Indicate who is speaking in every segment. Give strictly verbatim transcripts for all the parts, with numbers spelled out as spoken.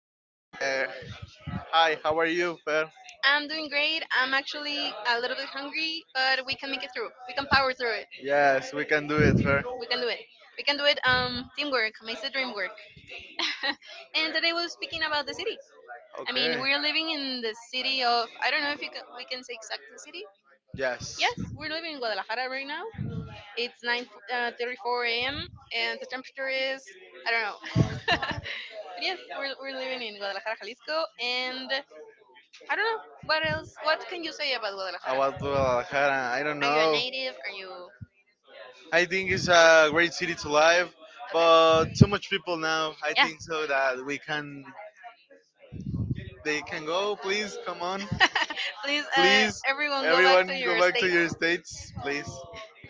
Speaker 1: invitation. Uh, hi, how are you, Fer?
Speaker 2: I'm doing great. I'm actually a little bit hungry, but we can make it through. We can power through it.
Speaker 1: Yes, we can do it, Fer.
Speaker 2: We can do it. We can do it. Um, teamwork makes the dream work. And today we're speaking about the city. I mean,
Speaker 1: Okay.
Speaker 2: we're living in the city of, I don't know if you can, we can say exact the city.
Speaker 1: Yes.
Speaker 2: Yes, we're living in Guadalajara right now. It's nine uh, thirty-four a m and the temperature is I don't know. But yes, we're, we're living in Guadalajara, Jalisco, and I don't know what else. What can you say about
Speaker 1: About
Speaker 2: Guadalajara?
Speaker 1: Guadalajara, I don't
Speaker 2: Are you a
Speaker 1: know.
Speaker 2: native? Are you
Speaker 1: I think it's a great city to live,
Speaker 2: okay?
Speaker 1: but too much people now. I
Speaker 2: Yeah.
Speaker 1: think so that we can. They can go, please. Come on,
Speaker 2: Please, uh,
Speaker 1: please.
Speaker 2: everyone, go back to
Speaker 1: Everyone, go
Speaker 2: your
Speaker 1: back to
Speaker 2: states.
Speaker 1: your states, please.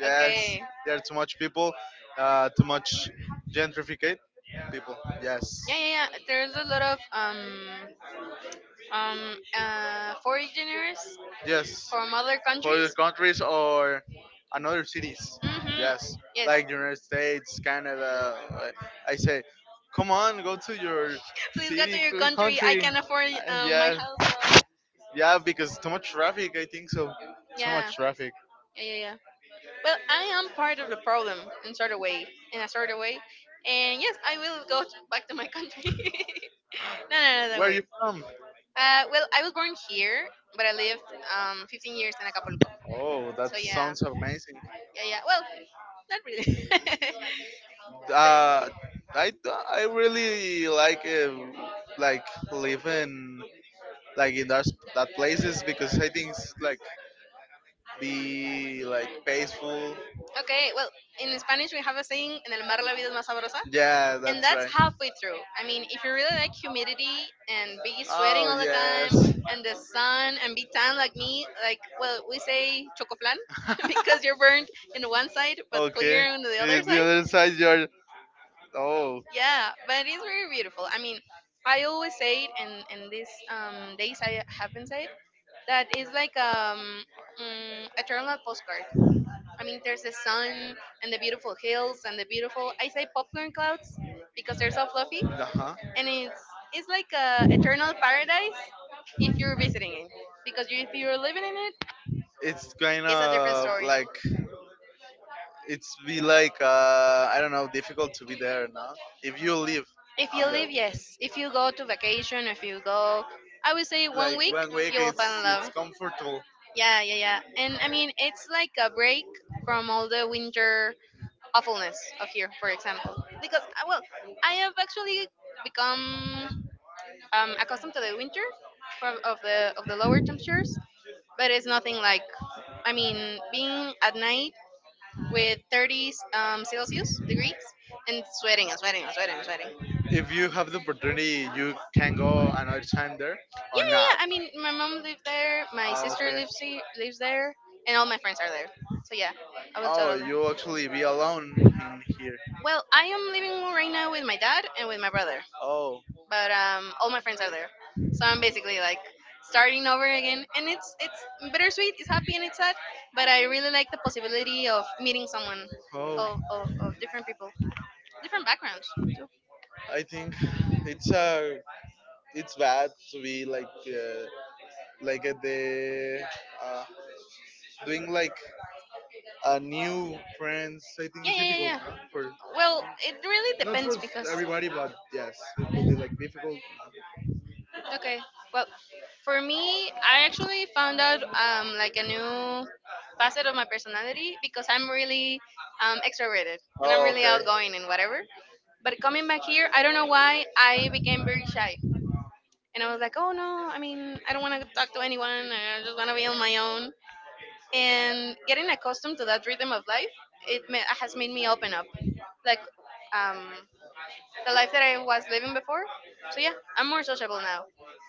Speaker 1: Yes,
Speaker 2: Okay.
Speaker 1: there are too much people, uh, too much gentrificate people. Yes,
Speaker 2: Yeah, yeah, yeah. There's a lot of um um, uh, foreigners
Speaker 1: yes.
Speaker 2: from other
Speaker 1: Other
Speaker 2: countries.
Speaker 1: countries or another cities.
Speaker 2: Hmm.
Speaker 1: Yes,
Speaker 2: Yes.
Speaker 1: like United States, Canada. uh, I say, come on, go to your
Speaker 2: Please go to
Speaker 1: city,
Speaker 2: your
Speaker 1: c-
Speaker 2: country. I
Speaker 1: country.
Speaker 2: can afford
Speaker 1: Uh,
Speaker 2: um my
Speaker 1: Yeah,
Speaker 2: house.
Speaker 1: yeah, because too much traffic. I think so. Too much
Speaker 2: Yeah.
Speaker 1: traffic.
Speaker 2: Yeah, yeah, yeah. Well, I am part of the problem in sort of way, in a sort of way, and yes, I will go t- back to my country. No, no, no, don't
Speaker 1: Where you
Speaker 2: worry.
Speaker 1: from?
Speaker 2: Uh, well, I was born here, but I lived um fifteen years in Acapulco.
Speaker 1: Oh,
Speaker 2: So
Speaker 1: that
Speaker 2: yeah,
Speaker 1: sounds amazing.
Speaker 2: yeah, yeah. Well, not really.
Speaker 1: Uh, I I really like uh, like living like in that that places because I think it's like be like peaceful.
Speaker 2: Okay, well, in Spanish we have a saying, en el mar la vida es más sabrosa.
Speaker 1: Yeah,
Speaker 2: And
Speaker 1: that's
Speaker 2: that's
Speaker 1: right.
Speaker 2: halfway through. I mean, if you really like humidity and be sweating
Speaker 1: Oh
Speaker 2: all the time
Speaker 1: yes.
Speaker 2: and the sun and be tan like me, like, well, we say chocoflan. Because you're burned in one side but
Speaker 1: Okay.
Speaker 2: clear on the
Speaker 1: Eh,
Speaker 2: other
Speaker 1: The
Speaker 2: side.
Speaker 1: other side, you're. Oh.
Speaker 2: Yeah, but it's very beautiful. I mean, I always say it, and and these um, days I haven't said that is like um, mm, a terminal postcard. I mean, there's the sun and the beautiful hills and the beautiful, I say popcorn clouds because they're so fluffy.
Speaker 1: Uh huh.
Speaker 2: And it's, it's like a eternal paradise if you're visiting it. Because you, if you're living in it,
Speaker 1: It's kind
Speaker 2: it's a different
Speaker 1: of
Speaker 2: story.
Speaker 1: like it's be like uh I don't know, difficult to be there, no? If you live
Speaker 2: If you
Speaker 1: on there,
Speaker 2: live, yes. If you go to vacation, if you go, I would say one
Speaker 1: like
Speaker 2: week,
Speaker 1: one week
Speaker 2: you will
Speaker 1: it's
Speaker 2: fall in
Speaker 1: it's
Speaker 2: love.
Speaker 1: comfortable.
Speaker 2: Yeah, yeah, yeah. And I mean, it's like a break from all the winter awfulness of here, for example. Because, uh, well, I have actually become um, accustomed to the winter from, of the of the lower temperatures, but it's nothing like I mean being at night with thirty um, Celsius degrees and sweating and sweating and sweating and sweating.
Speaker 1: If you have the opportunity, you can go another time there
Speaker 2: Yeah,
Speaker 1: or
Speaker 2: yeah, yeah.
Speaker 1: not.
Speaker 2: I mean, my mom lived there, my
Speaker 1: Oh,
Speaker 2: sister
Speaker 1: okay.
Speaker 2: lives he- lives there, and all my friends are there. So yeah, I will
Speaker 1: Oh,
Speaker 2: totally.
Speaker 1: you'll actually be alone in here.
Speaker 2: Well, I am living right now with my dad and with my brother.
Speaker 1: Oh,
Speaker 2: But um, all my friends are there, so I'm basically like starting over again, and it's it's bittersweet. It's happy and it's sad, but I really like the possibility of meeting someone
Speaker 1: oh.
Speaker 2: of, of, of different people, different backgrounds too.
Speaker 1: I think it's uh, It's bad to be like uh, like at the uh, doing like a new friends. I think
Speaker 2: Yeah,
Speaker 1: it's
Speaker 2: yeah, yeah,
Speaker 1: difficult,
Speaker 2: yeah.
Speaker 1: huh? For
Speaker 2: Well, it really
Speaker 1: Not
Speaker 2: depends
Speaker 1: for
Speaker 2: because
Speaker 1: everybody, but yes, it could be like difficult.
Speaker 2: okay, well, for me, I actually found out um like a new facet of my personality because I'm really um extroverted and I'm
Speaker 1: Oh,
Speaker 2: really
Speaker 1: okay.
Speaker 2: outgoing and whatever. But coming back here, I don't know why I became very shy. And I was like, oh no, I mean, I don't want to talk to anyone. I just want to be on my own. And getting accustomed to that rhythm of life, it ma- has made me open up, like um, the life that I was living before. So yeah, I'm more sociable now.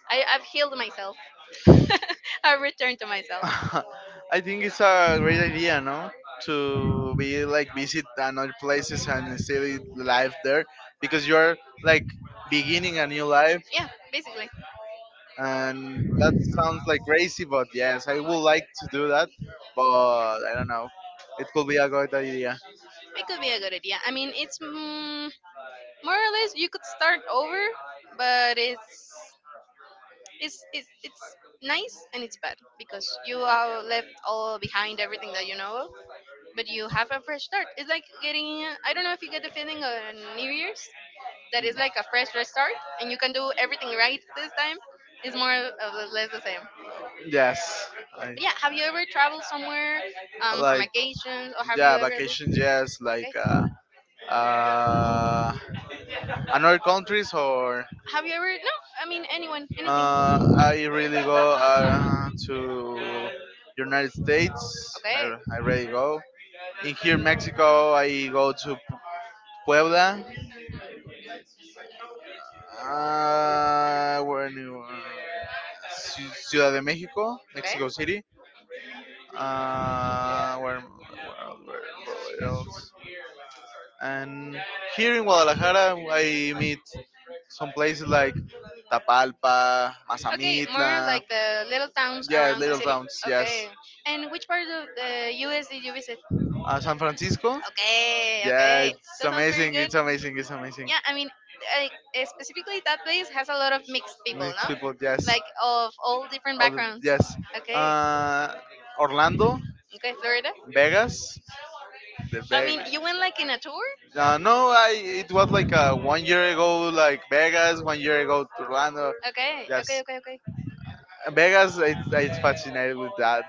Speaker 2: I, I've healed myself. I've returned to myself.
Speaker 1: I think it's a great idea, no? To be like visit another places and still live there because you're like beginning a new life.
Speaker 2: Yeah, basically,
Speaker 1: And that sounds like crazy, but yes, I would like to do that, but I don't know, it could be a good idea.
Speaker 2: it could be a good idea. I mean, it's mm, more or less you could start over, but it's it's it's, it's nice and it's bad because you are left all behind everything that you know of. But you have a fresh start. It's like getting, I don't know if you get the feeling on New Year's that it's like a fresh restart and you can do everything right this time. It's more of the, less the same.
Speaker 1: Yes, I
Speaker 2: But yeah, have you ever traveled somewhere um, for
Speaker 1: like,
Speaker 2: vacations or have you
Speaker 1: yeah,
Speaker 2: ever
Speaker 1: vacations,
Speaker 2: lived?
Speaker 1: yes, like
Speaker 2: Okay.
Speaker 1: uh, uh another countries or
Speaker 2: Have you ever, no, I mean anyone,
Speaker 1: uh
Speaker 2: anything.
Speaker 1: I really go uh, to United States,
Speaker 2: Okay.
Speaker 1: I, I really go. In here Mexico, I go to Puebla, uh, where new, uh, Ci- ciudad de Mexico, Mexico
Speaker 2: Okay.
Speaker 1: City, uh where where, else- where, where else. And here in Guadalajara I meet some places like Tapalpa,
Speaker 2: Okay, more
Speaker 1: Mazamitla,
Speaker 2: like the little towns
Speaker 1: yeah,
Speaker 2: around the
Speaker 1: little
Speaker 2: city.
Speaker 1: towns, yes.
Speaker 2: Okay. And which part of the U S did you visit?
Speaker 1: Uh, San Francisco,
Speaker 2: Okay,
Speaker 1: yeah,
Speaker 2: okay.
Speaker 1: it's
Speaker 2: That sounds very
Speaker 1: amazing,
Speaker 2: good.
Speaker 1: it's amazing, it's amazing.
Speaker 2: Yeah, I mean, I, eh, specifically that place has a lot of mixed people,
Speaker 1: Mixed
Speaker 2: no,
Speaker 1: people, yes.
Speaker 2: like of all different
Speaker 1: All the,
Speaker 2: backgrounds.
Speaker 1: yes.
Speaker 2: Okay,
Speaker 1: Uh, Orlando,
Speaker 2: okay, Florida.
Speaker 1: Vegas, the
Speaker 2: I mean
Speaker 1: Vegas.
Speaker 2: you went like in a tour.
Speaker 1: Uh, no, I it was like uh, one year ago, like Vegas. One year ago, to Orlando.
Speaker 2: Okay, okay,
Speaker 1: Yes,
Speaker 2: okay, okay.
Speaker 1: Vegas. It's it's fascinated with that.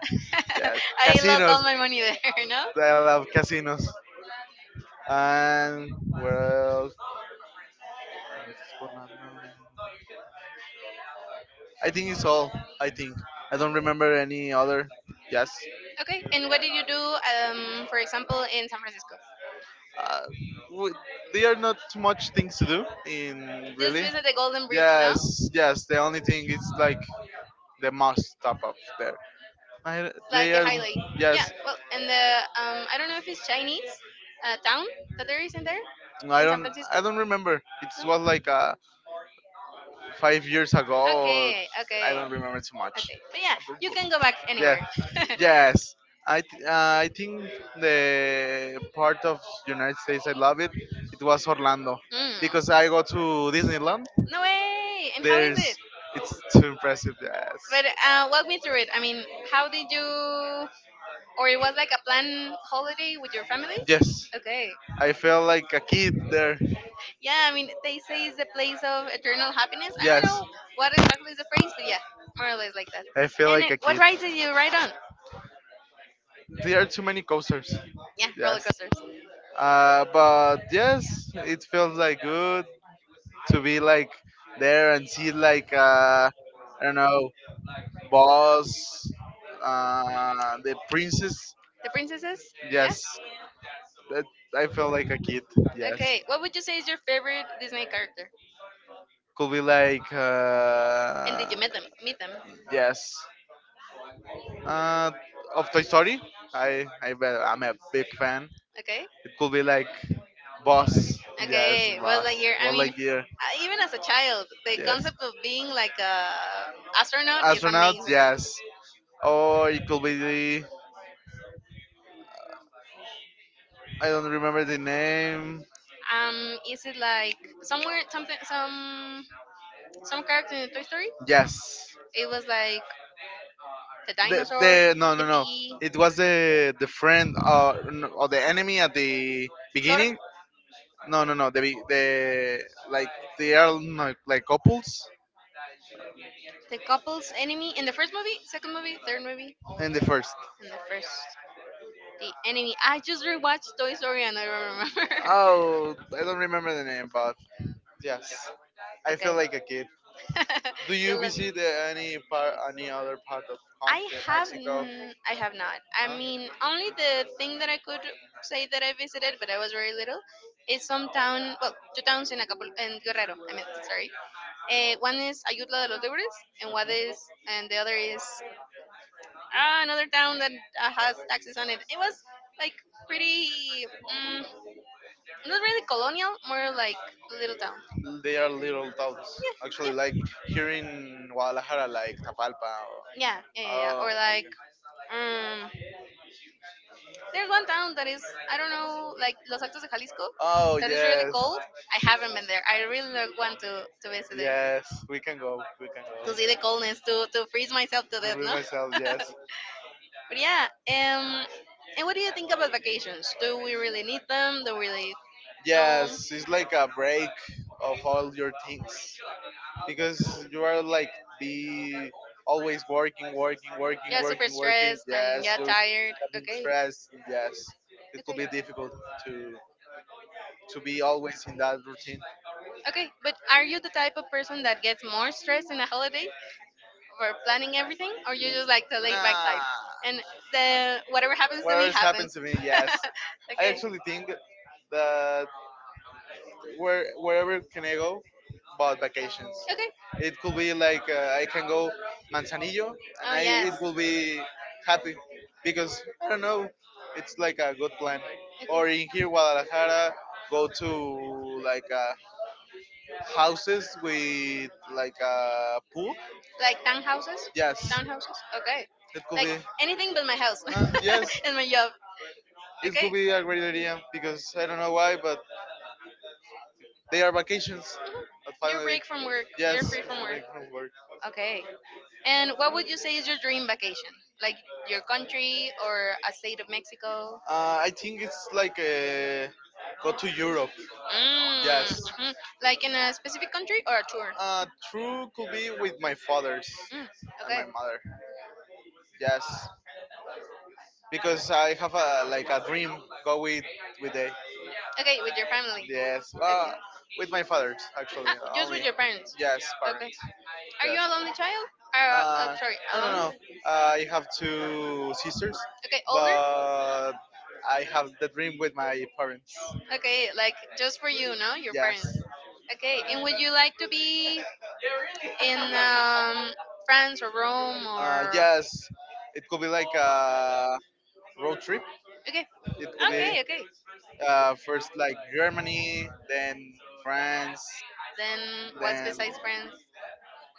Speaker 1: Yeah,
Speaker 2: I lost
Speaker 1: casinos.
Speaker 2: all my money there. No.
Speaker 1: I love casinos. And where else? I think it's all. I think I don't remember any other. Yes,
Speaker 2: Okay, and what did you do, um for example, in San Francisco?
Speaker 1: uh, w- they are not too much things to do in
Speaker 2: Just
Speaker 1: really.
Speaker 2: visit the golden bridge, no?
Speaker 1: Yes, yes. The only thing is like the must top up there. I,
Speaker 2: Like
Speaker 1: they
Speaker 2: the
Speaker 1: are
Speaker 2: highlight. Yeah,
Speaker 1: yes.
Speaker 2: well, and the um I don't know if it's Chinese uh, town that there is in there,
Speaker 1: I
Speaker 2: in San
Speaker 1: don't
Speaker 2: Francisco,
Speaker 1: I don't remember. It was
Speaker 2: no?
Speaker 1: like uh, five years ago. Or
Speaker 2: Okay, okay,
Speaker 1: I don't remember too much.
Speaker 2: okay. But yeah, you can go back
Speaker 1: Yeah,
Speaker 2: anywhere. Mm,
Speaker 1: yes. I th- uh, I think the part of United States I love it. It was Orlando, because I go to Disneyland.
Speaker 2: no way. And how is it?
Speaker 1: There's it's too impressive. Yes,
Speaker 2: But uh, walk me through it. I mean, how did you? Or it was like a planned holiday with your family?
Speaker 1: yes.
Speaker 2: Okay.
Speaker 1: I feel like a kid there.
Speaker 2: Yeah, I mean, they say it's the place of eternal happiness. I don't
Speaker 1: Yes,
Speaker 2: know what exactly is the phrase, but yeah, more or less like that.
Speaker 1: I feel
Speaker 2: And
Speaker 1: like
Speaker 2: it,
Speaker 1: a
Speaker 2: what
Speaker 1: kid.
Speaker 2: ride did you ride on?
Speaker 1: There are too many coasters.
Speaker 2: Yeah, roller
Speaker 1: Yes.
Speaker 2: coasters.
Speaker 1: Uh, but yes, it feels like good, to be like there and see like uh, I don't know, boss, uh, the princess.
Speaker 2: The princesses? Yeah.
Speaker 1: Yes, that I felt like a kid. Yes,
Speaker 2: Okay. What would you say is your favorite Disney character?
Speaker 1: could be like
Speaker 2: And did
Speaker 1: uh,
Speaker 2: you meet them? Meet them?
Speaker 1: yes, uh, of Toy Story. I I bet I'm a big fan.
Speaker 2: Okay.
Speaker 1: It could be like boss. Yes,
Speaker 2: Okay, was
Speaker 1: boss.
Speaker 2: like you're. I
Speaker 1: More
Speaker 2: mean,
Speaker 1: like dear.
Speaker 2: uh, even as a child, the
Speaker 1: Yes,
Speaker 2: concept of being like a astronaut is
Speaker 1: astronaut.
Speaker 2: amazing.
Speaker 1: Yes, or it could be the, I don't remember the name.
Speaker 2: Um, is it like somewhere something some some character in Toy Story?
Speaker 1: Yes.
Speaker 2: It was like the
Speaker 1: the,
Speaker 2: dinosaur,
Speaker 1: the No,
Speaker 2: the
Speaker 1: no, no, it was the the friend uh, n- or the enemy at the
Speaker 2: Sora,
Speaker 1: beginning. No, no, no, the be- the like they are no, like couples
Speaker 2: the couple's enemy in the first movie, second movie, third movie,
Speaker 1: in the first.
Speaker 2: and the first the enemy. I just rewatched Toy Story and I don't remember.
Speaker 1: Oh, I don't remember the name, but yes, I feel
Speaker 2: Okay.
Speaker 1: like a kid. Do you
Speaker 2: You love me.
Speaker 1: visit uh, any part, any other part of
Speaker 2: I
Speaker 1: country
Speaker 2: have
Speaker 1: Mexico?
Speaker 2: n- I have not. I
Speaker 1: Huh?
Speaker 2: mean, only the thing that I could say that I visited, but I was very little, is some town. Well, two towns in Acapulco in Guerrero. I meant sorry. Uh, one is Ayutla de los Libres, and what is, and the other is uh, another town that uh, has taxes on it. It was like pretty, mm, not really colonial, more like little town.
Speaker 1: They are little towns
Speaker 2: Yeah,
Speaker 1: actually, like
Speaker 2: yeah.
Speaker 1: here in Guadalajara like Tapalpa, or,
Speaker 2: Yeah, yeah, yeah, yeah.
Speaker 1: oh.
Speaker 2: Or like, um, there's one town that is I don't know, like Los Altos de Jalisco,
Speaker 1: Oh
Speaker 2: that is really
Speaker 1: yes,
Speaker 2: cold. I haven't been there. I really lo- want to to visit it,
Speaker 1: yes, we can go, we can go.
Speaker 2: to see the coldness, to to freeze myself to
Speaker 1: To
Speaker 2: death,
Speaker 1: reveal
Speaker 2: no?
Speaker 1: myself, yes,
Speaker 2: But yeah, um, and what do you think about vacations? Do we really need them? Do we really? No.
Speaker 1: yes. It's like a break of all your things, because you are like be always working, working,
Speaker 2: Yeah,
Speaker 1: working,
Speaker 2: super
Speaker 1: working, working.
Speaker 2: stressed and
Speaker 1: Yes,
Speaker 2: yeah,
Speaker 1: you're
Speaker 2: tired.
Speaker 1: having
Speaker 2: Okay.
Speaker 1: stress. Yes, it could
Speaker 2: Okay.
Speaker 1: be difficult to to be always in that routine.
Speaker 2: Okay, but are you the type of person that gets more stressed in a holiday? Over planning everything, or you're just like the laid back
Speaker 1: Nah.
Speaker 2: type, and the whatever happens to me
Speaker 1: Whatever happens
Speaker 2: happens.
Speaker 1: to me, yes. I
Speaker 2: Okay.
Speaker 1: actually think that where wherever can I go, about vacations. It could be like uh, I can go Manzanillo,
Speaker 2: Okay.
Speaker 1: and
Speaker 2: Oh
Speaker 1: I
Speaker 2: yes.
Speaker 1: it will be happy because I don't know. It's like a good plan. Or in here Guadalajara, go to like uh, houses with like a pool.
Speaker 2: Okay. Like townhouses?
Speaker 1: Yes,
Speaker 2: Townhouses? Okay.
Speaker 1: it could
Speaker 2: Like
Speaker 1: be.
Speaker 2: anything but my house
Speaker 1: Uh, yes,
Speaker 2: and my job.
Speaker 1: it could
Speaker 2: Okay.
Speaker 1: be a great idea because I don't know why, but they are vacations.
Speaker 2: Mhm.
Speaker 1: But
Speaker 2: You're
Speaker 1: finally,
Speaker 2: break from work. You're
Speaker 1: yes,
Speaker 2: free from work.
Speaker 1: break from work.
Speaker 2: Okay. And what would you say is your dream vacation? Like your country or a state of Mexico?
Speaker 1: Uh, I think it's like uh, go to Europe. Yes.
Speaker 2: Mm, mhm. Like in a specific country or a tour?
Speaker 1: Uh, True could be with my father's
Speaker 2: Mm,
Speaker 1: and
Speaker 2: okay.
Speaker 1: my mother. Yes, because I have a like a dream, go with with they.
Speaker 2: Okay, with your family.
Speaker 1: Yes.
Speaker 2: Okay.
Speaker 1: Uh, with my father's actually
Speaker 2: Ah, just with
Speaker 1: only.
Speaker 2: your parents.
Speaker 1: Yes,
Speaker 2: Okay.
Speaker 1: parents.
Speaker 2: Are you
Speaker 1: Yes.
Speaker 2: a lonely child? Uh, uh
Speaker 1: Uh,
Speaker 2: sorry,
Speaker 1: no, no,
Speaker 2: alone?
Speaker 1: no. Uh, I have two sisters,
Speaker 2: Okay, older?
Speaker 1: but I have the dream with my parents.
Speaker 2: Okay, like just for you, no? Your parents.
Speaker 1: Yes.
Speaker 2: Okay, and would you like to be in um, France or Rome
Speaker 1: Uh,
Speaker 2: or
Speaker 1: yes. It could be like a road trip. It could
Speaker 2: okay,
Speaker 1: be
Speaker 2: okay, okay.
Speaker 1: uh, first like Germany, then France,
Speaker 2: Then what's
Speaker 1: then
Speaker 2: besides France?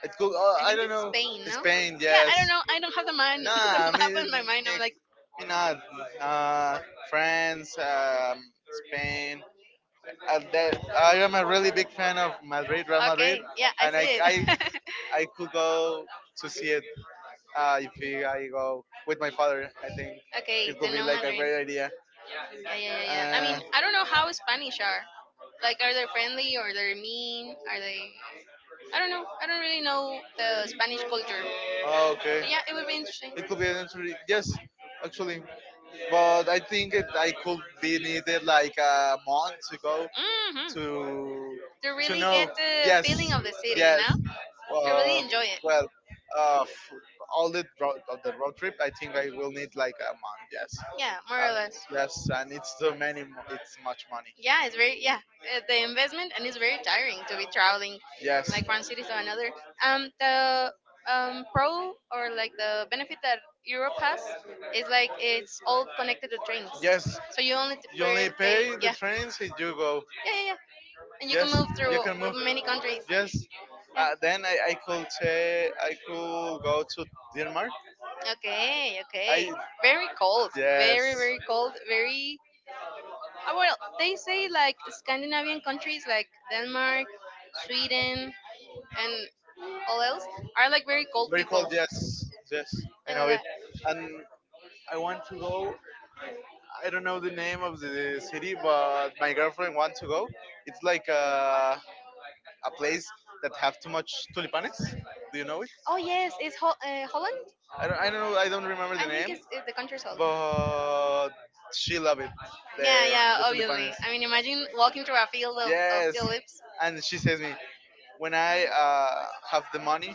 Speaker 1: it could. Uh,
Speaker 2: I
Speaker 1: I
Speaker 2: think
Speaker 1: don't
Speaker 2: it's
Speaker 1: know.
Speaker 2: Spain, no?
Speaker 1: Spain.
Speaker 2: Yeah, I
Speaker 1: Yes.
Speaker 2: don't know. I don't have the mind,
Speaker 1: Nah. I
Speaker 2: the map in
Speaker 1: mean, me
Speaker 2: my mind. I'm like,
Speaker 1: me not. Uh, France. Um, Spain. And that I am a really big fan of Madrid, Real Madrid,
Speaker 2: okay, yeah, I
Speaker 1: and
Speaker 2: see
Speaker 1: I I,
Speaker 2: it.
Speaker 1: I could go to see it, uh, if he- I go with my father. I think
Speaker 2: Okay,
Speaker 1: it
Speaker 2: the
Speaker 1: could be
Speaker 2: No
Speaker 1: like a
Speaker 2: Madrid.
Speaker 1: great idea.
Speaker 2: Yeah, yeah, yeah, yeah. I
Speaker 1: Uh,
Speaker 2: mean, I don't know how Spanish are. Like, are they friendly or they're mean? Are they? I don't know. I don't really know the Spanish culture.
Speaker 1: oh, okay,
Speaker 2: But yeah, it would be interesting.
Speaker 1: it could be an entry. Yes, actually, but I think it, I could be needed like a month to go
Speaker 2: Hmm.
Speaker 1: to
Speaker 2: To
Speaker 1: to
Speaker 2: really get
Speaker 1: know.
Speaker 2: the
Speaker 1: Yes,
Speaker 2: feeling of the city, you
Speaker 1: yes,
Speaker 2: know? To really
Speaker 1: Uh,
Speaker 2: enjoy it.
Speaker 1: well, uh, f- all the road, the road trip, I think I will need like a month. Yes.
Speaker 2: Yeah, more or
Speaker 1: Uh,
Speaker 2: less.
Speaker 1: yes, and it's too many. mo- It's much money.
Speaker 2: Yeah, it's very yeah, uh, the investment and it's very tiring to be traveling
Speaker 1: Yes.
Speaker 2: like one city to another, um the um pro or like the benefit that Europe has is like it's all connected to trains,
Speaker 1: Yes.
Speaker 2: so you only t-
Speaker 1: You
Speaker 2: pay,
Speaker 1: only
Speaker 2: pay,
Speaker 1: pay the
Speaker 2: yeah.
Speaker 1: trains if you go.
Speaker 2: Yeah, yeah, yeah. And you can
Speaker 1: Yes.
Speaker 2: move through
Speaker 1: You can move.
Speaker 2: many countries,
Speaker 1: Yes.
Speaker 2: yeah.
Speaker 1: Uh, then I, I could say I could go to Denmark.
Speaker 2: Okay, okay,
Speaker 1: I
Speaker 2: very cold, very
Speaker 1: yes.
Speaker 2: very cold, very uh, well, they say like Scandinavian countries like Denmark, Sweden, and all else are like very cold
Speaker 1: Very cold,
Speaker 2: people.
Speaker 1: yes, yes, I
Speaker 2: Yeah,
Speaker 1: know
Speaker 2: like
Speaker 1: it.
Speaker 2: that.
Speaker 1: And I want to go. I don't know the name of the city, but my girlfriend want to go. It's like a, a place that have too much tulipanes. Do you know it?
Speaker 2: Oh yes, it's Hol- uh, Holland.
Speaker 1: I don't, I don't know. I don't remember the
Speaker 2: I think
Speaker 1: name,
Speaker 2: it's, it's the country's Holland.
Speaker 1: but she love it.
Speaker 2: Yeah,
Speaker 1: The
Speaker 2: yeah,
Speaker 1: the
Speaker 2: obviously.
Speaker 1: tulipanes.
Speaker 2: I mean, imagine walking through a field of, of
Speaker 1: Yes,
Speaker 2: steel lips.
Speaker 1: and she says me when I uh, have the money,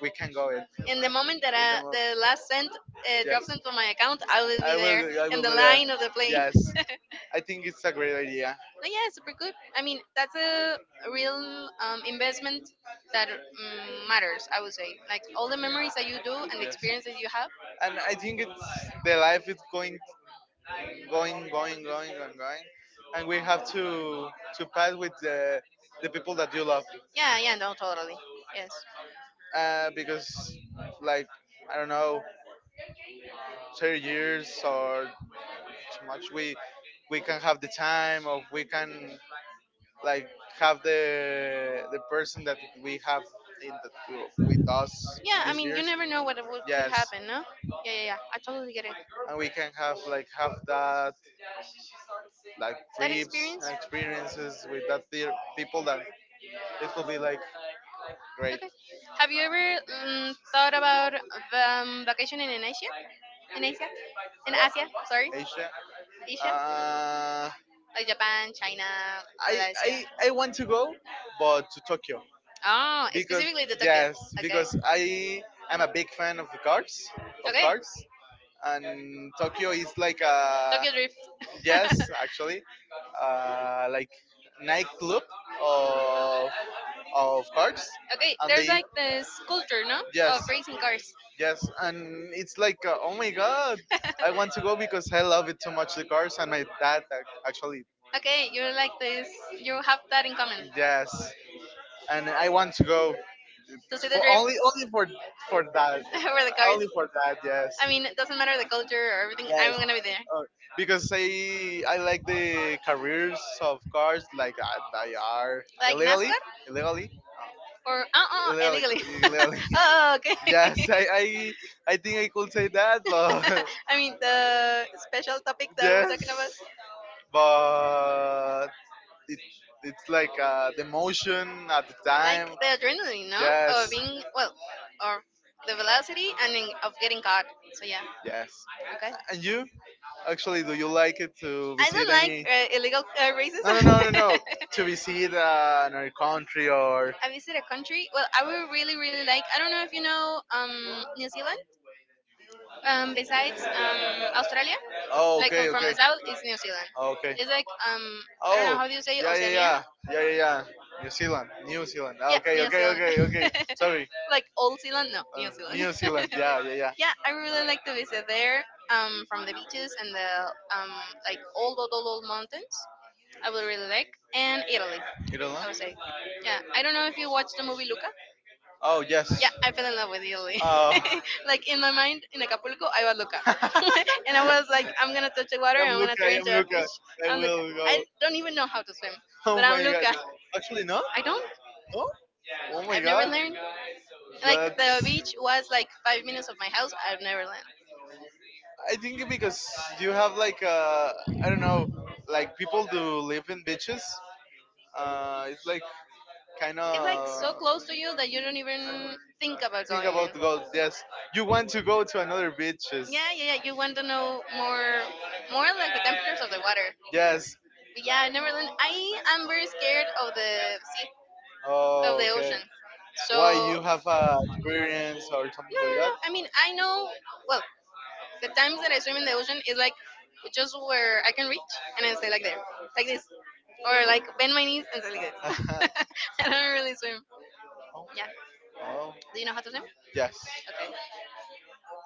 Speaker 1: we can go it
Speaker 2: And the moment that
Speaker 1: in the
Speaker 2: I,
Speaker 1: mo-
Speaker 2: the last cent uh, drops
Speaker 1: yes.
Speaker 2: into my account, I will
Speaker 1: I
Speaker 2: be there
Speaker 1: will. I
Speaker 2: in
Speaker 1: will
Speaker 2: the
Speaker 1: do that.
Speaker 2: line of the plane.
Speaker 1: Yes, I think it's a great idea.
Speaker 2: No, yeah, super good. I mean, that's a real um, investment that um, matters. I would say, like all the memories that you do and the
Speaker 1: Yes,
Speaker 2: experience that you have.
Speaker 1: and I think it's the life is going, going, going, going, and going, and we have to to pass with the the people that you love,
Speaker 2: Yeah, yeah, no, totally. Yes.
Speaker 1: uh, because like I don't know, thirty years or too much, we we can have the time, or we can like have the the person that we have in the with us in
Speaker 2: Yeah, I
Speaker 1: these
Speaker 2: mean, you
Speaker 1: years.
Speaker 2: never know what would- could
Speaker 1: Yes,
Speaker 2: happen, no? Yeah, yeah, yeah. I totally get it.
Speaker 1: and we can have like have that like
Speaker 2: That
Speaker 1: trips
Speaker 2: experience.
Speaker 1: and experiences with that dear people that it will be like great.
Speaker 2: Okay. Have you ever mm, thought about um, vacationing in Asia? In Asia? In
Speaker 1: What
Speaker 2: Asia? Sorry,
Speaker 1: Asia?
Speaker 2: Asia,
Speaker 1: Uh,
Speaker 2: like Japan, China,
Speaker 1: I
Speaker 2: Malaysia.
Speaker 1: I I want to go, but to Tokyo.
Speaker 2: Oh,
Speaker 1: Because
Speaker 2: specifically the Tokyo.
Speaker 1: yes,
Speaker 2: Okay.
Speaker 1: because I am a big fan of cards, of
Speaker 2: Okay.
Speaker 1: cards, and Tokyo is like a
Speaker 2: Tokyo Drift.
Speaker 1: yes, actually, uh, like nightclub of of cards,
Speaker 2: Okay,
Speaker 1: and
Speaker 2: there's
Speaker 1: they
Speaker 2: like this culture, no, of
Speaker 1: yes.
Speaker 2: racing cars.
Speaker 1: Yes, and it's like, uh, oh my god, I want to go because I love it so much, the cars, and my dad ac- actually,
Speaker 2: Okay, you're like this. You have that in common.
Speaker 1: yes, and I want to go
Speaker 2: To see the
Speaker 1: for
Speaker 2: drift,
Speaker 1: only only for for that.
Speaker 2: over the cars.
Speaker 1: Only for that, yes.
Speaker 2: I mean, it doesn't matter the culture or everything.
Speaker 1: Yes.
Speaker 2: I'm gonna be there.
Speaker 1: Uh, because I I like the careers of cars like uh, they are
Speaker 2: Like
Speaker 1: illegally,
Speaker 2: NASCAR
Speaker 1: illegally,
Speaker 2: or uh uh illegally.
Speaker 1: illegally, illegally.
Speaker 2: Oh, okay.
Speaker 1: Yes, I, I I think I could say that, but
Speaker 2: I mean the special topic that we're talking about.
Speaker 1: yes, but it, it's like uh, the motion at the
Speaker 2: Like
Speaker 1: time.
Speaker 2: the adrenaline, no, of
Speaker 1: Yes,
Speaker 2: being well, or the velocity and in, of getting caught. So yeah,
Speaker 1: yes.
Speaker 2: okay.
Speaker 1: And you, actually, do you like it to
Speaker 2: I
Speaker 1: visit
Speaker 2: don't like
Speaker 1: any?
Speaker 2: uh, illegal uh,
Speaker 1: No, no, no, no,
Speaker 2: races.
Speaker 1: no. To visit uh, another country or,
Speaker 2: I visit a country. Well, I would really, really like. I don't know if you know um, New Zealand. Um, besides um, Australia,
Speaker 1: oh,
Speaker 2: like um,
Speaker 1: okay,
Speaker 2: from the
Speaker 1: okay.
Speaker 2: south is New Zealand.
Speaker 1: Oh, okay.
Speaker 2: It's like um, I don't know
Speaker 1: Oh,
Speaker 2: how do you say
Speaker 1: yeah, yeah,
Speaker 2: Oceania.
Speaker 1: yeah, yeah, yeah, yeah. New Zealand, New Zealand. Ah,
Speaker 2: Yeah,
Speaker 1: okay,
Speaker 2: New
Speaker 1: okay,
Speaker 2: Zealand.
Speaker 1: okay, okay. Sorry,
Speaker 2: Like Old Zealand? No, New
Speaker 1: Uh,
Speaker 2: Zealand.
Speaker 1: New Zealand. Yeah, yeah, yeah.
Speaker 2: Yeah, I really like to visit there. Um, from the beaches and the um, like old, old, old, old mountains. I would really like and Italy.
Speaker 1: You don't know?
Speaker 2: I would say. Yeah, I don't know if you watched the movie Luca.
Speaker 1: Oh yes.
Speaker 2: Yeah, I fell in love with Italy.
Speaker 1: Oh.
Speaker 2: Like in my mind, in Acapulco, I was Luca, and I was like, I'm gonna touch the water
Speaker 1: I'm
Speaker 2: and I'm gonna
Speaker 1: Luca.
Speaker 2: turn into
Speaker 1: I'm
Speaker 2: a fish.
Speaker 1: Luca. I
Speaker 2: I'm Luca.
Speaker 1: will go.
Speaker 2: I don't even know how to swim, but
Speaker 1: Oh
Speaker 2: I'm
Speaker 1: my god.
Speaker 2: Luca.
Speaker 1: Actually, no.
Speaker 2: I don't.
Speaker 1: No. Oh my
Speaker 2: I've never
Speaker 1: god.
Speaker 2: learned. Like the
Speaker 1: That's.
Speaker 2: beach was like five minutes of my house. I've never learned.
Speaker 1: I think because you have like uh, I don't know, like people do live in beaches. Uh, it's like kind
Speaker 2: It's like so
Speaker 1: of.
Speaker 2: close to you that you don't even think about
Speaker 1: Think
Speaker 2: going in.
Speaker 1: about golf. Yes, you want to go to another beaches.
Speaker 2: Yeah, yeah, yeah. You want to know more, more like the temperatures of the water.
Speaker 1: Yes.
Speaker 2: But yeah, I never learned. I am very scared of the sea, of
Speaker 1: Oh,
Speaker 2: the
Speaker 1: okay.
Speaker 2: ocean.
Speaker 1: Why you
Speaker 2: So
Speaker 1: have
Speaker 2: no,
Speaker 1: a experience or something
Speaker 2: no,
Speaker 1: like
Speaker 2: no.
Speaker 1: that?
Speaker 2: I mean, I know. Well, the times that I swim in the ocean is like just where I can reach and I stay like there, like this, or like bend my knees and stay like this. I don't really swim. Yeah.
Speaker 1: Oh,
Speaker 2: Do you know how to swim?
Speaker 1: yes,
Speaker 2: Okay.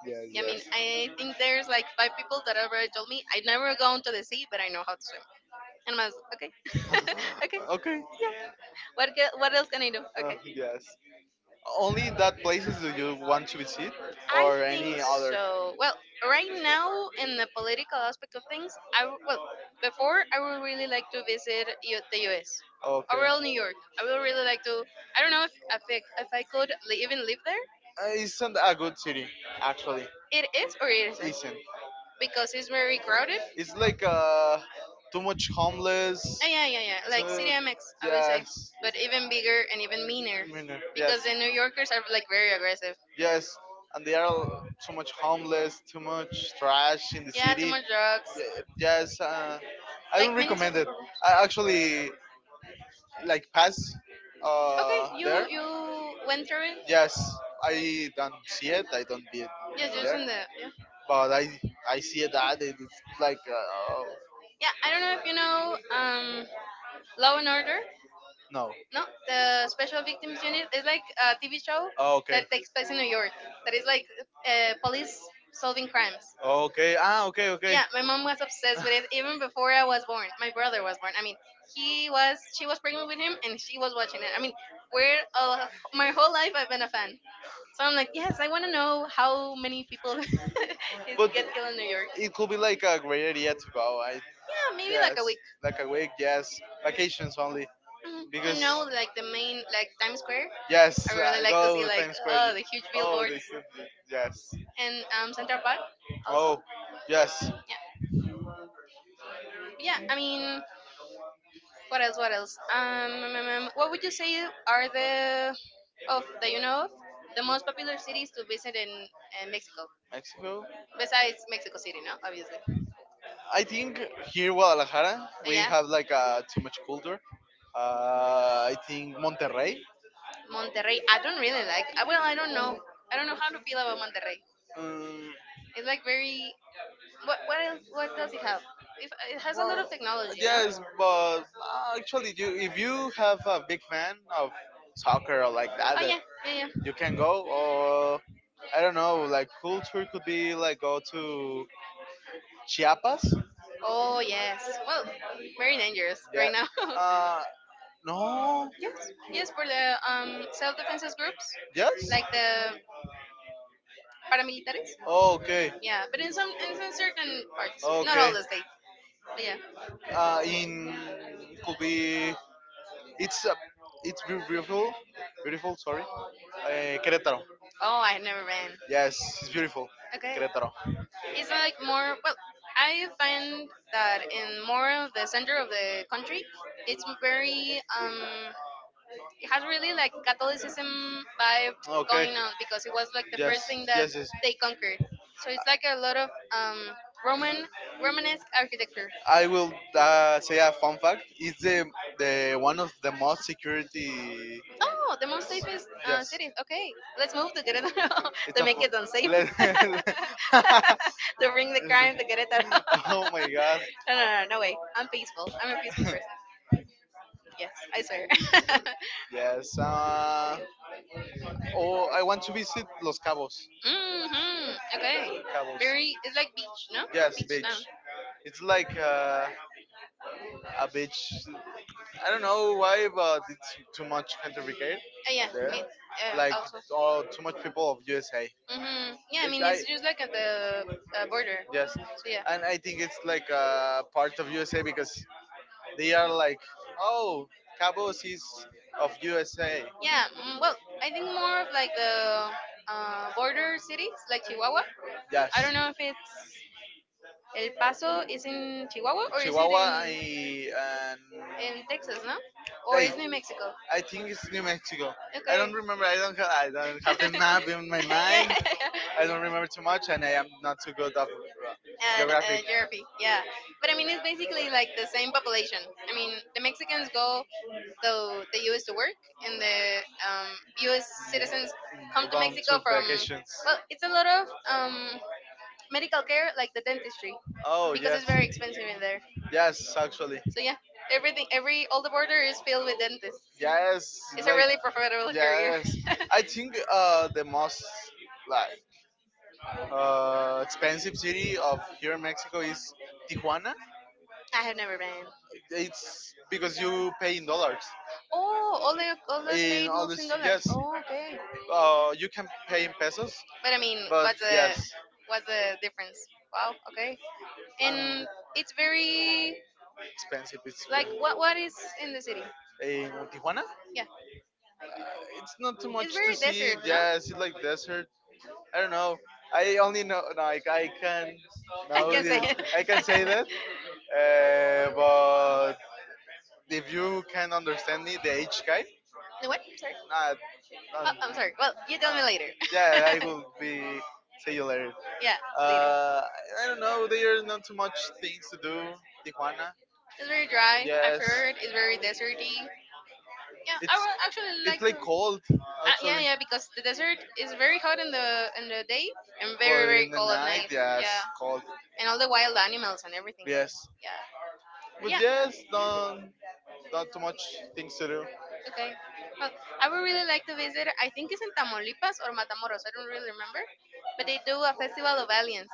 Speaker 1: yes,
Speaker 2: Yeah, I mean,
Speaker 1: yes.
Speaker 2: I think there's like five people that already told me I never go into the sea, but I know how to swim. And I was okay, okay,
Speaker 1: Okay.
Speaker 2: yeah. What ca- what else can I do?
Speaker 1: Uh,
Speaker 2: Okay.
Speaker 1: yes. Only that places do you want to visit,
Speaker 2: I
Speaker 1: or
Speaker 2: think
Speaker 1: any other?
Speaker 2: so. Well, right now in the political aspect of things, I w- well before I would really like to visit U- the U S.
Speaker 1: Okay.
Speaker 2: Overall, New York. I would really like to. I don't know if if I, if I could li- even live there.
Speaker 1: Uh, isn't a good city, actually.
Speaker 2: It is or it isn't
Speaker 1: Isn't.
Speaker 2: because it's very crowded.
Speaker 1: It's like
Speaker 2: Uh,
Speaker 1: uh, too much homeless.
Speaker 2: yeah, yeah, yeah. Like
Speaker 1: Too,
Speaker 2: C D M X, I would say,
Speaker 1: yes.
Speaker 2: but even bigger and even meaner
Speaker 1: Meaner, yes.
Speaker 2: because the New Yorkers are like very aggressive.
Speaker 1: Yes, and they are all too much homeless, too much trash in the
Speaker 2: Yeah, too
Speaker 1: city.
Speaker 2: much drugs.
Speaker 1: Y- Yes, uh, I
Speaker 2: Like
Speaker 1: don't
Speaker 2: many
Speaker 1: recommend
Speaker 2: social
Speaker 1: it.
Speaker 2: problems.
Speaker 1: I actually like pass
Speaker 2: Okay,
Speaker 1: uh,
Speaker 2: you
Speaker 1: there.
Speaker 2: you went through it.
Speaker 1: Yes, I don't see it. I don't be it
Speaker 2: Yes, just
Speaker 1: there.
Speaker 2: in the yeah.
Speaker 1: But I I see that it is like uh, oh,
Speaker 2: Yeah, I don't know if you know um, Law and Order.
Speaker 1: no.
Speaker 2: No, the Special Victims Unit is like a T V show
Speaker 1: Oh, okay.
Speaker 2: that takes place in New York. That is like uh, police solving crimes.
Speaker 1: Okay. Ah, okay, okay.
Speaker 2: Yeah, my mom was obsessed with it even before I was born. My brother was born, I mean, he was she was pregnant with him and she was watching it. I mean, we're all, my whole life I've been a fan. So I'm like, yes, I want to know how many people is-
Speaker 1: But
Speaker 2: get killed in New York.
Speaker 1: it could be like a great idea to go. I
Speaker 2: Yeah, maybe like
Speaker 1: yes,
Speaker 2: a week.
Speaker 1: like a week. Yes, vacations only
Speaker 2: Mm, to
Speaker 1: because.
Speaker 2: know like the main, like Times Square. I
Speaker 1: Yes,
Speaker 2: really
Speaker 1: I
Speaker 2: like to see
Speaker 1: go to
Speaker 2: like,
Speaker 1: Times Square, yeah.
Speaker 2: oh, the huge
Speaker 1: Oh,
Speaker 2: billboards
Speaker 1: they killed it. Yes.
Speaker 2: and um Central Park also.
Speaker 1: Oh, yes.
Speaker 2: Yeah. Yeah, I mean, what else? What else? Um, mm, mm, mm, what would you say are the of that you know of the most popular cities to visit in uh, Mexico
Speaker 1: Mexico.
Speaker 2: besides Mexico City? No, obviously. Uh,
Speaker 1: I think here in Guadalajara we
Speaker 2: Yeah,
Speaker 1: have like uh, too much culture. Uh, I think Monterrey.
Speaker 2: Monterrey. I don't really like. I, well, I don't know. I don't know how to feel about Monterrey.
Speaker 1: Um,
Speaker 2: It's like very. What what else? What does it have? If, it has a lot
Speaker 1: well,
Speaker 2: of technology, no?
Speaker 1: yes, but uh, actually, you, if you have a big fan of soccer or like
Speaker 2: Oh
Speaker 1: that, uh,
Speaker 2: yeah, yeah yeah.
Speaker 1: you can go or I don't know, like culture could be like go to Chiapas.
Speaker 2: Oh yes. Well, very dangerous
Speaker 1: Yeah.
Speaker 2: right now.
Speaker 1: Uh, no.
Speaker 2: Yes. Yes, for the um self defenses groups,
Speaker 1: Yes.
Speaker 2: like the paramilitares.
Speaker 1: Oh, okay.
Speaker 2: Yeah, but in some, in some certain parts, not all
Speaker 1: Okay.
Speaker 2: the states. But yeah.
Speaker 1: Uh, in could be it's uh, it's beau- beautiful, beautiful. Sorry. Uh, Querétaro.
Speaker 2: Oh, I never ran.
Speaker 1: Yes, it's beautiful.
Speaker 2: Okay.
Speaker 1: Querétaro.
Speaker 2: It's like more. Well, I find that in more of the center of the country, it's very um it has really like Catholicism vibe
Speaker 1: Okay.
Speaker 2: going on because it was like the first
Speaker 1: Yes,
Speaker 2: thing that
Speaker 1: yes, yes.
Speaker 2: they conquered. So it's like a lot of um, Roman Romanesque architecture.
Speaker 1: I will uh, say a fun fact. It's the the one of the most security.
Speaker 2: Oh, the most safest uh,
Speaker 1: Yes,
Speaker 2: cities. Okay, let's move to Querétaro
Speaker 1: it's
Speaker 2: to
Speaker 1: a. Fu-
Speaker 2: make it unsafe.
Speaker 1: let-
Speaker 2: To bring the crime to Querétaro.
Speaker 1: oh my god.
Speaker 2: No, no, no, no way. I'm peaceful. I'm a peaceful person. Yes, I swear.
Speaker 1: Yes. Uh, oh, I want to visit Los Cabos.
Speaker 2: Hmm. Okay.
Speaker 1: Cabos.
Speaker 2: Very. It's like beach, no?
Speaker 1: Yes,
Speaker 2: Beach town.
Speaker 1: beach. It's
Speaker 2: Uh,
Speaker 1: like uh, a beach. I don't know why, but it's too much Costa Rica
Speaker 2: yeah.
Speaker 1: there.
Speaker 2: Me,
Speaker 1: Like
Speaker 2: uh, also.
Speaker 1: all too much people of U S A.
Speaker 2: Hmm. Yeah. I
Speaker 1: It
Speaker 2: mean, it's
Speaker 1: I
Speaker 2: just like at the uh, border.
Speaker 1: yes,
Speaker 2: So yeah.
Speaker 1: and I think it's like a part of U S A because they are like oh Cabos is of U S A.
Speaker 2: Yeah. Mm, well, I think more of like the uh, border cities, like Chihuahua. I
Speaker 1: Yes.
Speaker 2: don't know if it's El Paso is in Chihuahua or is it
Speaker 1: Chihuahua
Speaker 2: in
Speaker 1: I, and
Speaker 2: in Texas, no? Or
Speaker 1: I.
Speaker 2: is New Mexico?
Speaker 1: I think it's New Mexico. I don't
Speaker 2: Okay.
Speaker 1: remember. I don't. Have, I don't have the map in my
Speaker 2: Yeah.
Speaker 1: mind. I don't remember too much, and I am not too good of uh,
Speaker 2: At uh,
Speaker 1: geographic.
Speaker 2: Jervy, yeah. But I mean, it's basically like the same population. I mean, the Mexicans go to the U S to work, and the um, U S citizens come
Speaker 1: Are
Speaker 2: to
Speaker 1: going
Speaker 2: Mexico
Speaker 1: to
Speaker 2: from.
Speaker 1: vacations.
Speaker 2: Well, it's a lot of um, medical care, like the dentistry,
Speaker 1: Oh
Speaker 2: because
Speaker 1: yes,
Speaker 2: it's very expensive in there.
Speaker 1: yes, actually,
Speaker 2: So yeah, everything, every all the border is filled with dentists.
Speaker 1: yes,
Speaker 2: It's a
Speaker 1: like
Speaker 2: really profitable career.
Speaker 1: yes. I think uh the most like uh expensive city of here in Mexico is Tijuana.
Speaker 2: I have never been.
Speaker 1: It's because you pay in dollars.
Speaker 2: Oh, all the all the
Speaker 1: In
Speaker 2: state
Speaker 1: all
Speaker 2: moves in
Speaker 1: this,
Speaker 2: dollars.
Speaker 1: yes,
Speaker 2: Oh, okay.
Speaker 1: uh, you can pay in pesos,
Speaker 2: But I mean,
Speaker 1: but
Speaker 2: what's the
Speaker 1: yes,
Speaker 2: what's the difference? Wow. Okay.
Speaker 1: and
Speaker 2: And it's very
Speaker 1: expensive. It's good.
Speaker 2: like what what is in the city?
Speaker 1: In Tijuana.
Speaker 2: Yeah,
Speaker 1: Uh, it's not too much
Speaker 2: it's
Speaker 1: to
Speaker 2: very
Speaker 1: see.
Speaker 2: desert, no?
Speaker 1: Yeah, it's like desert. I don't know. I only know like I can
Speaker 2: I
Speaker 1: know
Speaker 2: can
Speaker 1: the,
Speaker 2: say it.
Speaker 1: I can say that. Uh, but if you can understand me, the H guy,
Speaker 2: What? Sorry.
Speaker 1: nah, nah,
Speaker 2: Oh, I'm sorry.
Speaker 1: nah.
Speaker 2: Well, you tell me later.
Speaker 1: Yeah, I will be say you later.
Speaker 2: Yeah, later.
Speaker 1: Uh, I don't know. There are not too much things to do. Tijuana.
Speaker 2: It's very dry. I've
Speaker 1: Yes.
Speaker 2: heard it's very deserty. Yeah, I
Speaker 1: It's
Speaker 2: would actually
Speaker 1: it's
Speaker 2: like to.
Speaker 1: like cold
Speaker 2: Uh, yeah,
Speaker 1: actually.
Speaker 2: yeah, because the desert is very hot in the in the day and very
Speaker 1: But
Speaker 2: very
Speaker 1: in the
Speaker 2: cold at
Speaker 1: night,
Speaker 2: night.
Speaker 1: yes,
Speaker 2: Yeah,
Speaker 1: cold,
Speaker 2: and all the wild animals and everything.
Speaker 1: yes.
Speaker 2: Yeah, but
Speaker 1: But
Speaker 2: yeah.
Speaker 1: yes, don't not too much things to do.
Speaker 2: Okay. Well, I would really like to visit. I think it's in Tamaulipas or Matamoros. I don't really remember, but they do a festival of aliens.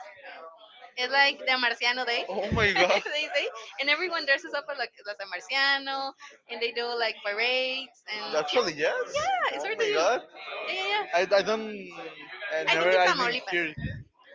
Speaker 2: It's like the Marciano Day,
Speaker 1: Oh my god!
Speaker 2: they say, and everyone dresses up like as a Marciano, and they do like parades, and yeah,
Speaker 1: Actually, yes.
Speaker 2: yeah, it's
Speaker 1: Oh
Speaker 2: hard to
Speaker 1: my
Speaker 2: do.
Speaker 1: god!
Speaker 2: Yeah, yeah,
Speaker 1: I, I
Speaker 2: yeah.
Speaker 1: don't I
Speaker 2: I think
Speaker 1: never
Speaker 2: it's
Speaker 1: I didn't
Speaker 2: Tamaulipas.
Speaker 1: hear it.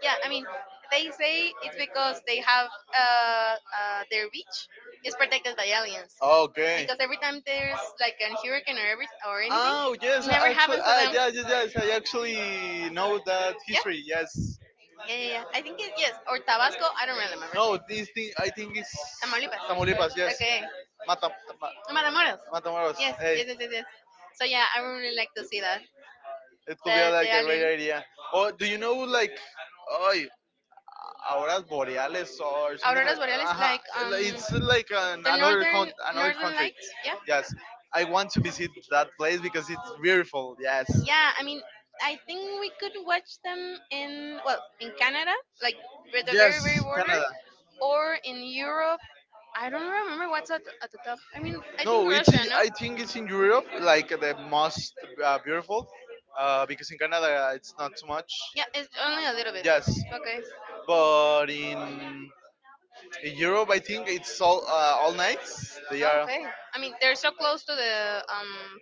Speaker 2: Yeah, I mean, they say it's because they have uh, uh, their beach is protected by aliens.
Speaker 1: Okay.
Speaker 2: Because every time there's like a hurricane or every or anything,
Speaker 1: Oh yes,
Speaker 2: it
Speaker 1: I
Speaker 2: never
Speaker 1: actually,
Speaker 2: happens to
Speaker 1: ah,
Speaker 2: them.
Speaker 1: yeah, yes, yes. I actually know that
Speaker 2: Yeah,
Speaker 1: history. Yes,
Speaker 2: yeah, yeah, yeah. I think it, yes, or Tabasco. I don't really remember.
Speaker 1: no, this thing I think is
Speaker 2: Tamaulipas.
Speaker 1: Tamaulipas. Yes,
Speaker 2: Okay.
Speaker 1: Mata, Ma-
Speaker 2: Oh, Matamoros.
Speaker 1: Matamoros.
Speaker 2: Yes, yes,
Speaker 1: Hey,
Speaker 2: yes, yes, yes. So yeah, I would really like to see that.
Speaker 1: it could be uh,
Speaker 2: The the
Speaker 1: like a
Speaker 2: alien.
Speaker 1: great idea. Or do you know like, oy, auroras boreales or something like?
Speaker 2: Auroras boreales,
Speaker 1: uh
Speaker 2: like um,
Speaker 1: It's like an,
Speaker 2: the
Speaker 1: another
Speaker 2: northern
Speaker 1: con- another
Speaker 2: northern
Speaker 1: country.
Speaker 2: lights. Yeah.
Speaker 1: Yes, I want to visit that place because it's beautiful. Yes.
Speaker 2: Yeah, I mean I think we could watch them in, well, in Canada, like with the
Speaker 1: Yes,
Speaker 2: very very border,
Speaker 1: Canada.
Speaker 2: or in Europe. I don't remember what's at, at the top. I mean, I think
Speaker 1: No, it's
Speaker 2: Russia, no?
Speaker 1: I think it's in Europe like the most uh, beautiful uh, because in Canada it's not so much.
Speaker 2: Yeah, it's only a little bit.
Speaker 1: Yes,
Speaker 2: Okay.
Speaker 1: but in, in Europe I think it's all uh, all nights. They
Speaker 2: Oh,
Speaker 1: are
Speaker 2: okay. I mean, they're so close to the um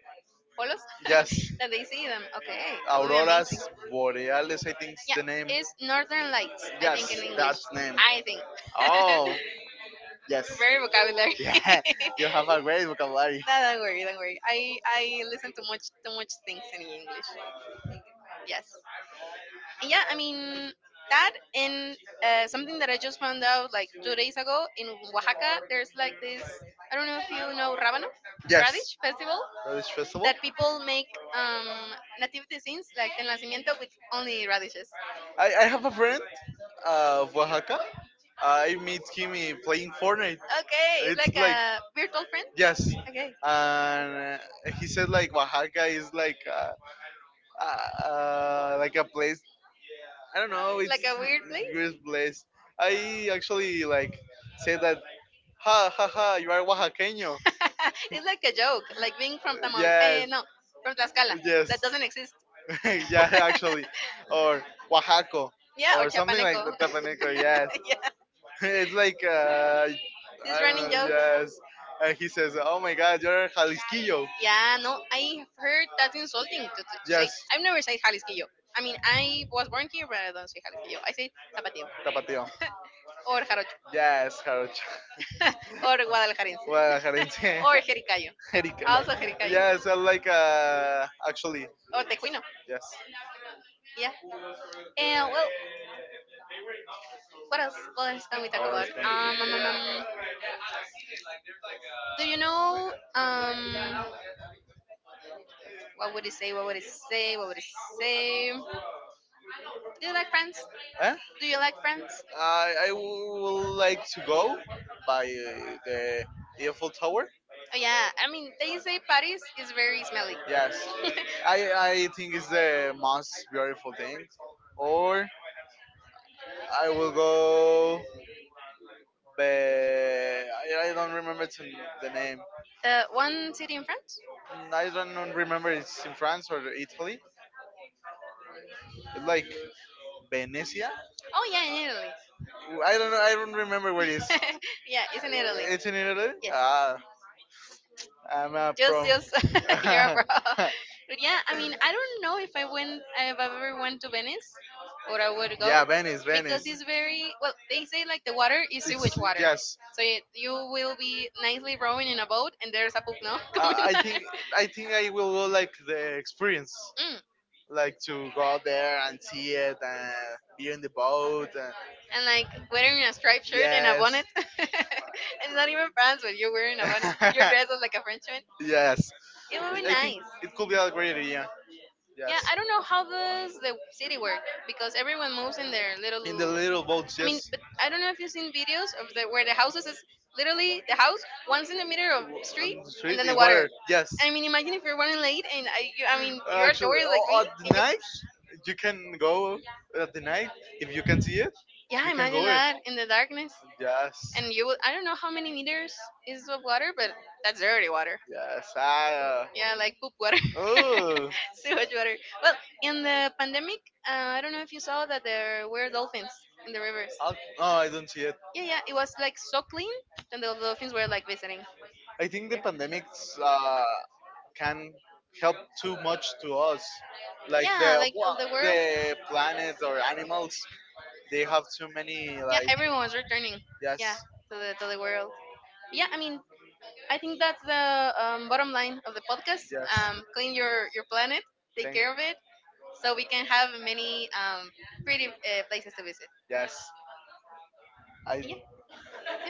Speaker 2: polos
Speaker 1: yes,
Speaker 2: that they see them. Okay, that would be
Speaker 1: auroras
Speaker 2: amazing.
Speaker 1: boreales. I think is
Speaker 2: Yeah,
Speaker 1: the name.
Speaker 2: it's Northern Lights, I think in
Speaker 1: Yes,
Speaker 2: English.
Speaker 1: that's name.
Speaker 2: I think.
Speaker 1: Oh yes,
Speaker 2: Very vocabulary.
Speaker 1: yeah. You have a great vocabulary.
Speaker 2: No, don't worry, don't worry. I I listen to much too much things in English. Yes. And yeah, I mean that and uh, something that I just found out like two days ago in Oaxaca. There's like this. I don't know if you know Rábano
Speaker 1: Yes,
Speaker 2: radish festival
Speaker 1: Relish Festival.
Speaker 2: that people make um, nativity scenes like the nacimiento with only radishes.
Speaker 1: I, I have a friend uh, of Oaxaca. I meet him in playing Fortnite.
Speaker 2: Okay, it's
Speaker 1: It's
Speaker 2: like
Speaker 1: like,
Speaker 2: a virtual friend.
Speaker 1: yes.
Speaker 2: Okay,
Speaker 1: And uh, he said like Oaxaca is like uh, uh, uh, like a place. I don't know. It's
Speaker 2: like a weird place.
Speaker 1: weird place. I actually like say that. Ha ha ha! You are Oaxaqueño.
Speaker 2: It's like a joke, like being from Tamal, eh,
Speaker 1: Yes.
Speaker 2: no, from Tlaxcala.
Speaker 1: Yes.
Speaker 2: That doesn't exist.
Speaker 1: yeah, actually, or Oaxaco,
Speaker 2: Yeah, or
Speaker 1: or something like
Speaker 2: Chapaneco.
Speaker 1: that. Tapaneco, yes.
Speaker 2: Yeah,
Speaker 1: It's like uh, I
Speaker 2: this
Speaker 1: don't
Speaker 2: running
Speaker 1: know.
Speaker 2: joke.
Speaker 1: Yes, and he says, "Oh my God, you're a Jalisquillo."
Speaker 2: Yeah, no, I've heard that's insulting to, to, to say.
Speaker 1: Yes,
Speaker 2: I've never said Jalisquillo. I mean, I was born here, but I don't say Jalisquillo. I say Zapateo,
Speaker 1: Tapatio.
Speaker 2: or Jarocho,
Speaker 1: Yes, Jarocho.
Speaker 2: or Guadalajarense,
Speaker 1: Guadalajarense.
Speaker 2: or Jericayo.
Speaker 1: Jericalo.
Speaker 2: Also Jericayo,
Speaker 1: Yes, I like uh, actually,
Speaker 2: or Tejuino.
Speaker 1: yes.
Speaker 2: Yeah. And well, what else? What else can we talk
Speaker 1: Where else
Speaker 2: about?
Speaker 1: can we
Speaker 2: Um, um,
Speaker 1: go?
Speaker 2: um, um, do you know um what would it say? What would it say? What would it say? Do you like Friends?
Speaker 1: Eh?
Speaker 2: Do you like Friends?
Speaker 1: I I would like to go by uh, the Eiffel Tower.
Speaker 2: Oh yeah, I mean they say Paris is very smelly.
Speaker 1: Yes, I I think it's the most beautiful thing. Or I will go. But I, I don't remember to, the name.
Speaker 2: Uh, one city in France?
Speaker 1: Mm, I don't remember it's in France or Italy. It's like Venecia.
Speaker 2: Oh yeah, in Italy.
Speaker 1: I don't know. I don't remember where it is.
Speaker 2: Yeah, it's in
Speaker 1: Uh,
Speaker 2: Italy.
Speaker 1: It's in Italy. Ah, I'm a
Speaker 2: Just,
Speaker 1: pro.
Speaker 2: just you're abroad. But yeah, I mean, I don't know if I went, if I ever went to Venice, or I would go,
Speaker 1: yeah, Venice,
Speaker 2: because
Speaker 1: Venice.
Speaker 2: it's very well. They say like the water is sewage
Speaker 1: It's
Speaker 2: water,
Speaker 1: yes.
Speaker 2: so you, you will be nicely rowing in a boat, and there's a pupno
Speaker 1: Uh,
Speaker 2: coming
Speaker 1: I
Speaker 2: out.
Speaker 1: think I think I will go like the experience,
Speaker 2: Mm,
Speaker 1: like to go out there and see it and be in the boat. And,
Speaker 2: and like wearing a striped shirt and a
Speaker 1: yes.
Speaker 2: bonnet. It's not even France, but you're wearing a bonnet. You're dressed up like a Frenchman.
Speaker 1: Yes,
Speaker 2: It would be
Speaker 1: I I think
Speaker 2: nice.
Speaker 1: it could be a great idea.
Speaker 2: Yeah,
Speaker 1: Yes,
Speaker 2: I don't know how does the city work because everyone moves in their
Speaker 1: in the
Speaker 2: little.
Speaker 1: little boats,
Speaker 2: I mean,
Speaker 1: yes,
Speaker 2: but I don't know if you've seen videos of the where the houses is literally the house once in the middle of street
Speaker 1: on the
Speaker 2: and
Speaker 1: street
Speaker 2: then the
Speaker 1: in
Speaker 2: water.
Speaker 1: water. Yes,
Speaker 2: I mean, imagine if you're running late and I, you, I mean, you're a
Speaker 1: actually,
Speaker 2: tourist like me
Speaker 1: oh, at the
Speaker 2: and you,
Speaker 1: night you can go at the night if you can see it,
Speaker 2: yeah,
Speaker 1: you can
Speaker 2: imagine
Speaker 1: go it.
Speaker 2: that in the darkness
Speaker 1: Yes,
Speaker 2: and you will. I don't know how many meters is of water, but that's dirty water.
Speaker 1: yes, I. Uh,
Speaker 2: Yeah, like poop water,
Speaker 1: oh,
Speaker 2: sewage water. Well, in the pandemic, uh, I don't know if you saw that there were dolphins in the rivers.
Speaker 1: I'll, oh, I don't see it.
Speaker 2: Yeah, yeah, it was like so clean, and the dolphins were like visiting
Speaker 1: I think the
Speaker 2: there.
Speaker 1: pandemics uh, can help too much to us. Like
Speaker 2: Yeah,
Speaker 1: the
Speaker 2: like
Speaker 1: well,
Speaker 2: of the world.
Speaker 1: the planets or animals, they have too many
Speaker 2: Yeah,
Speaker 1: like
Speaker 2: everyone was returning. Yeah,
Speaker 1: yes,
Speaker 2: to the to the world. Yeah, I mean, I think that's the um, bottom line of the podcast.
Speaker 1: yes,
Speaker 2: Um, clean your your planet, take
Speaker 1: thank
Speaker 2: care of it, so we can have many um, pretty uh, places to visit.
Speaker 1: yes. I
Speaker 2: Yeah.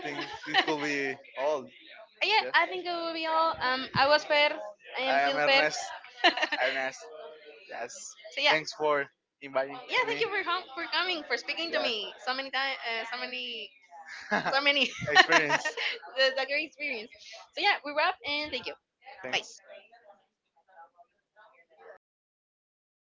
Speaker 1: think it could be all.
Speaker 2: Yeah, I think it will be all. Um, I was fair. I am
Speaker 1: I am
Speaker 2: still fair.
Speaker 1: Ernest.
Speaker 2: So
Speaker 1: Ernest. Yes.
Speaker 2: yeah,
Speaker 1: Thanks for inviting
Speaker 2: yeah.
Speaker 1: to
Speaker 2: Thank
Speaker 1: me.
Speaker 2: you for com- for coming, for speaking to
Speaker 1: Yes.
Speaker 2: me so many times, uh, so many, so many.
Speaker 1: Experience.
Speaker 2: That's a great experience. So yeah, we wrap and thank you. Bye.
Speaker 1: Thanks.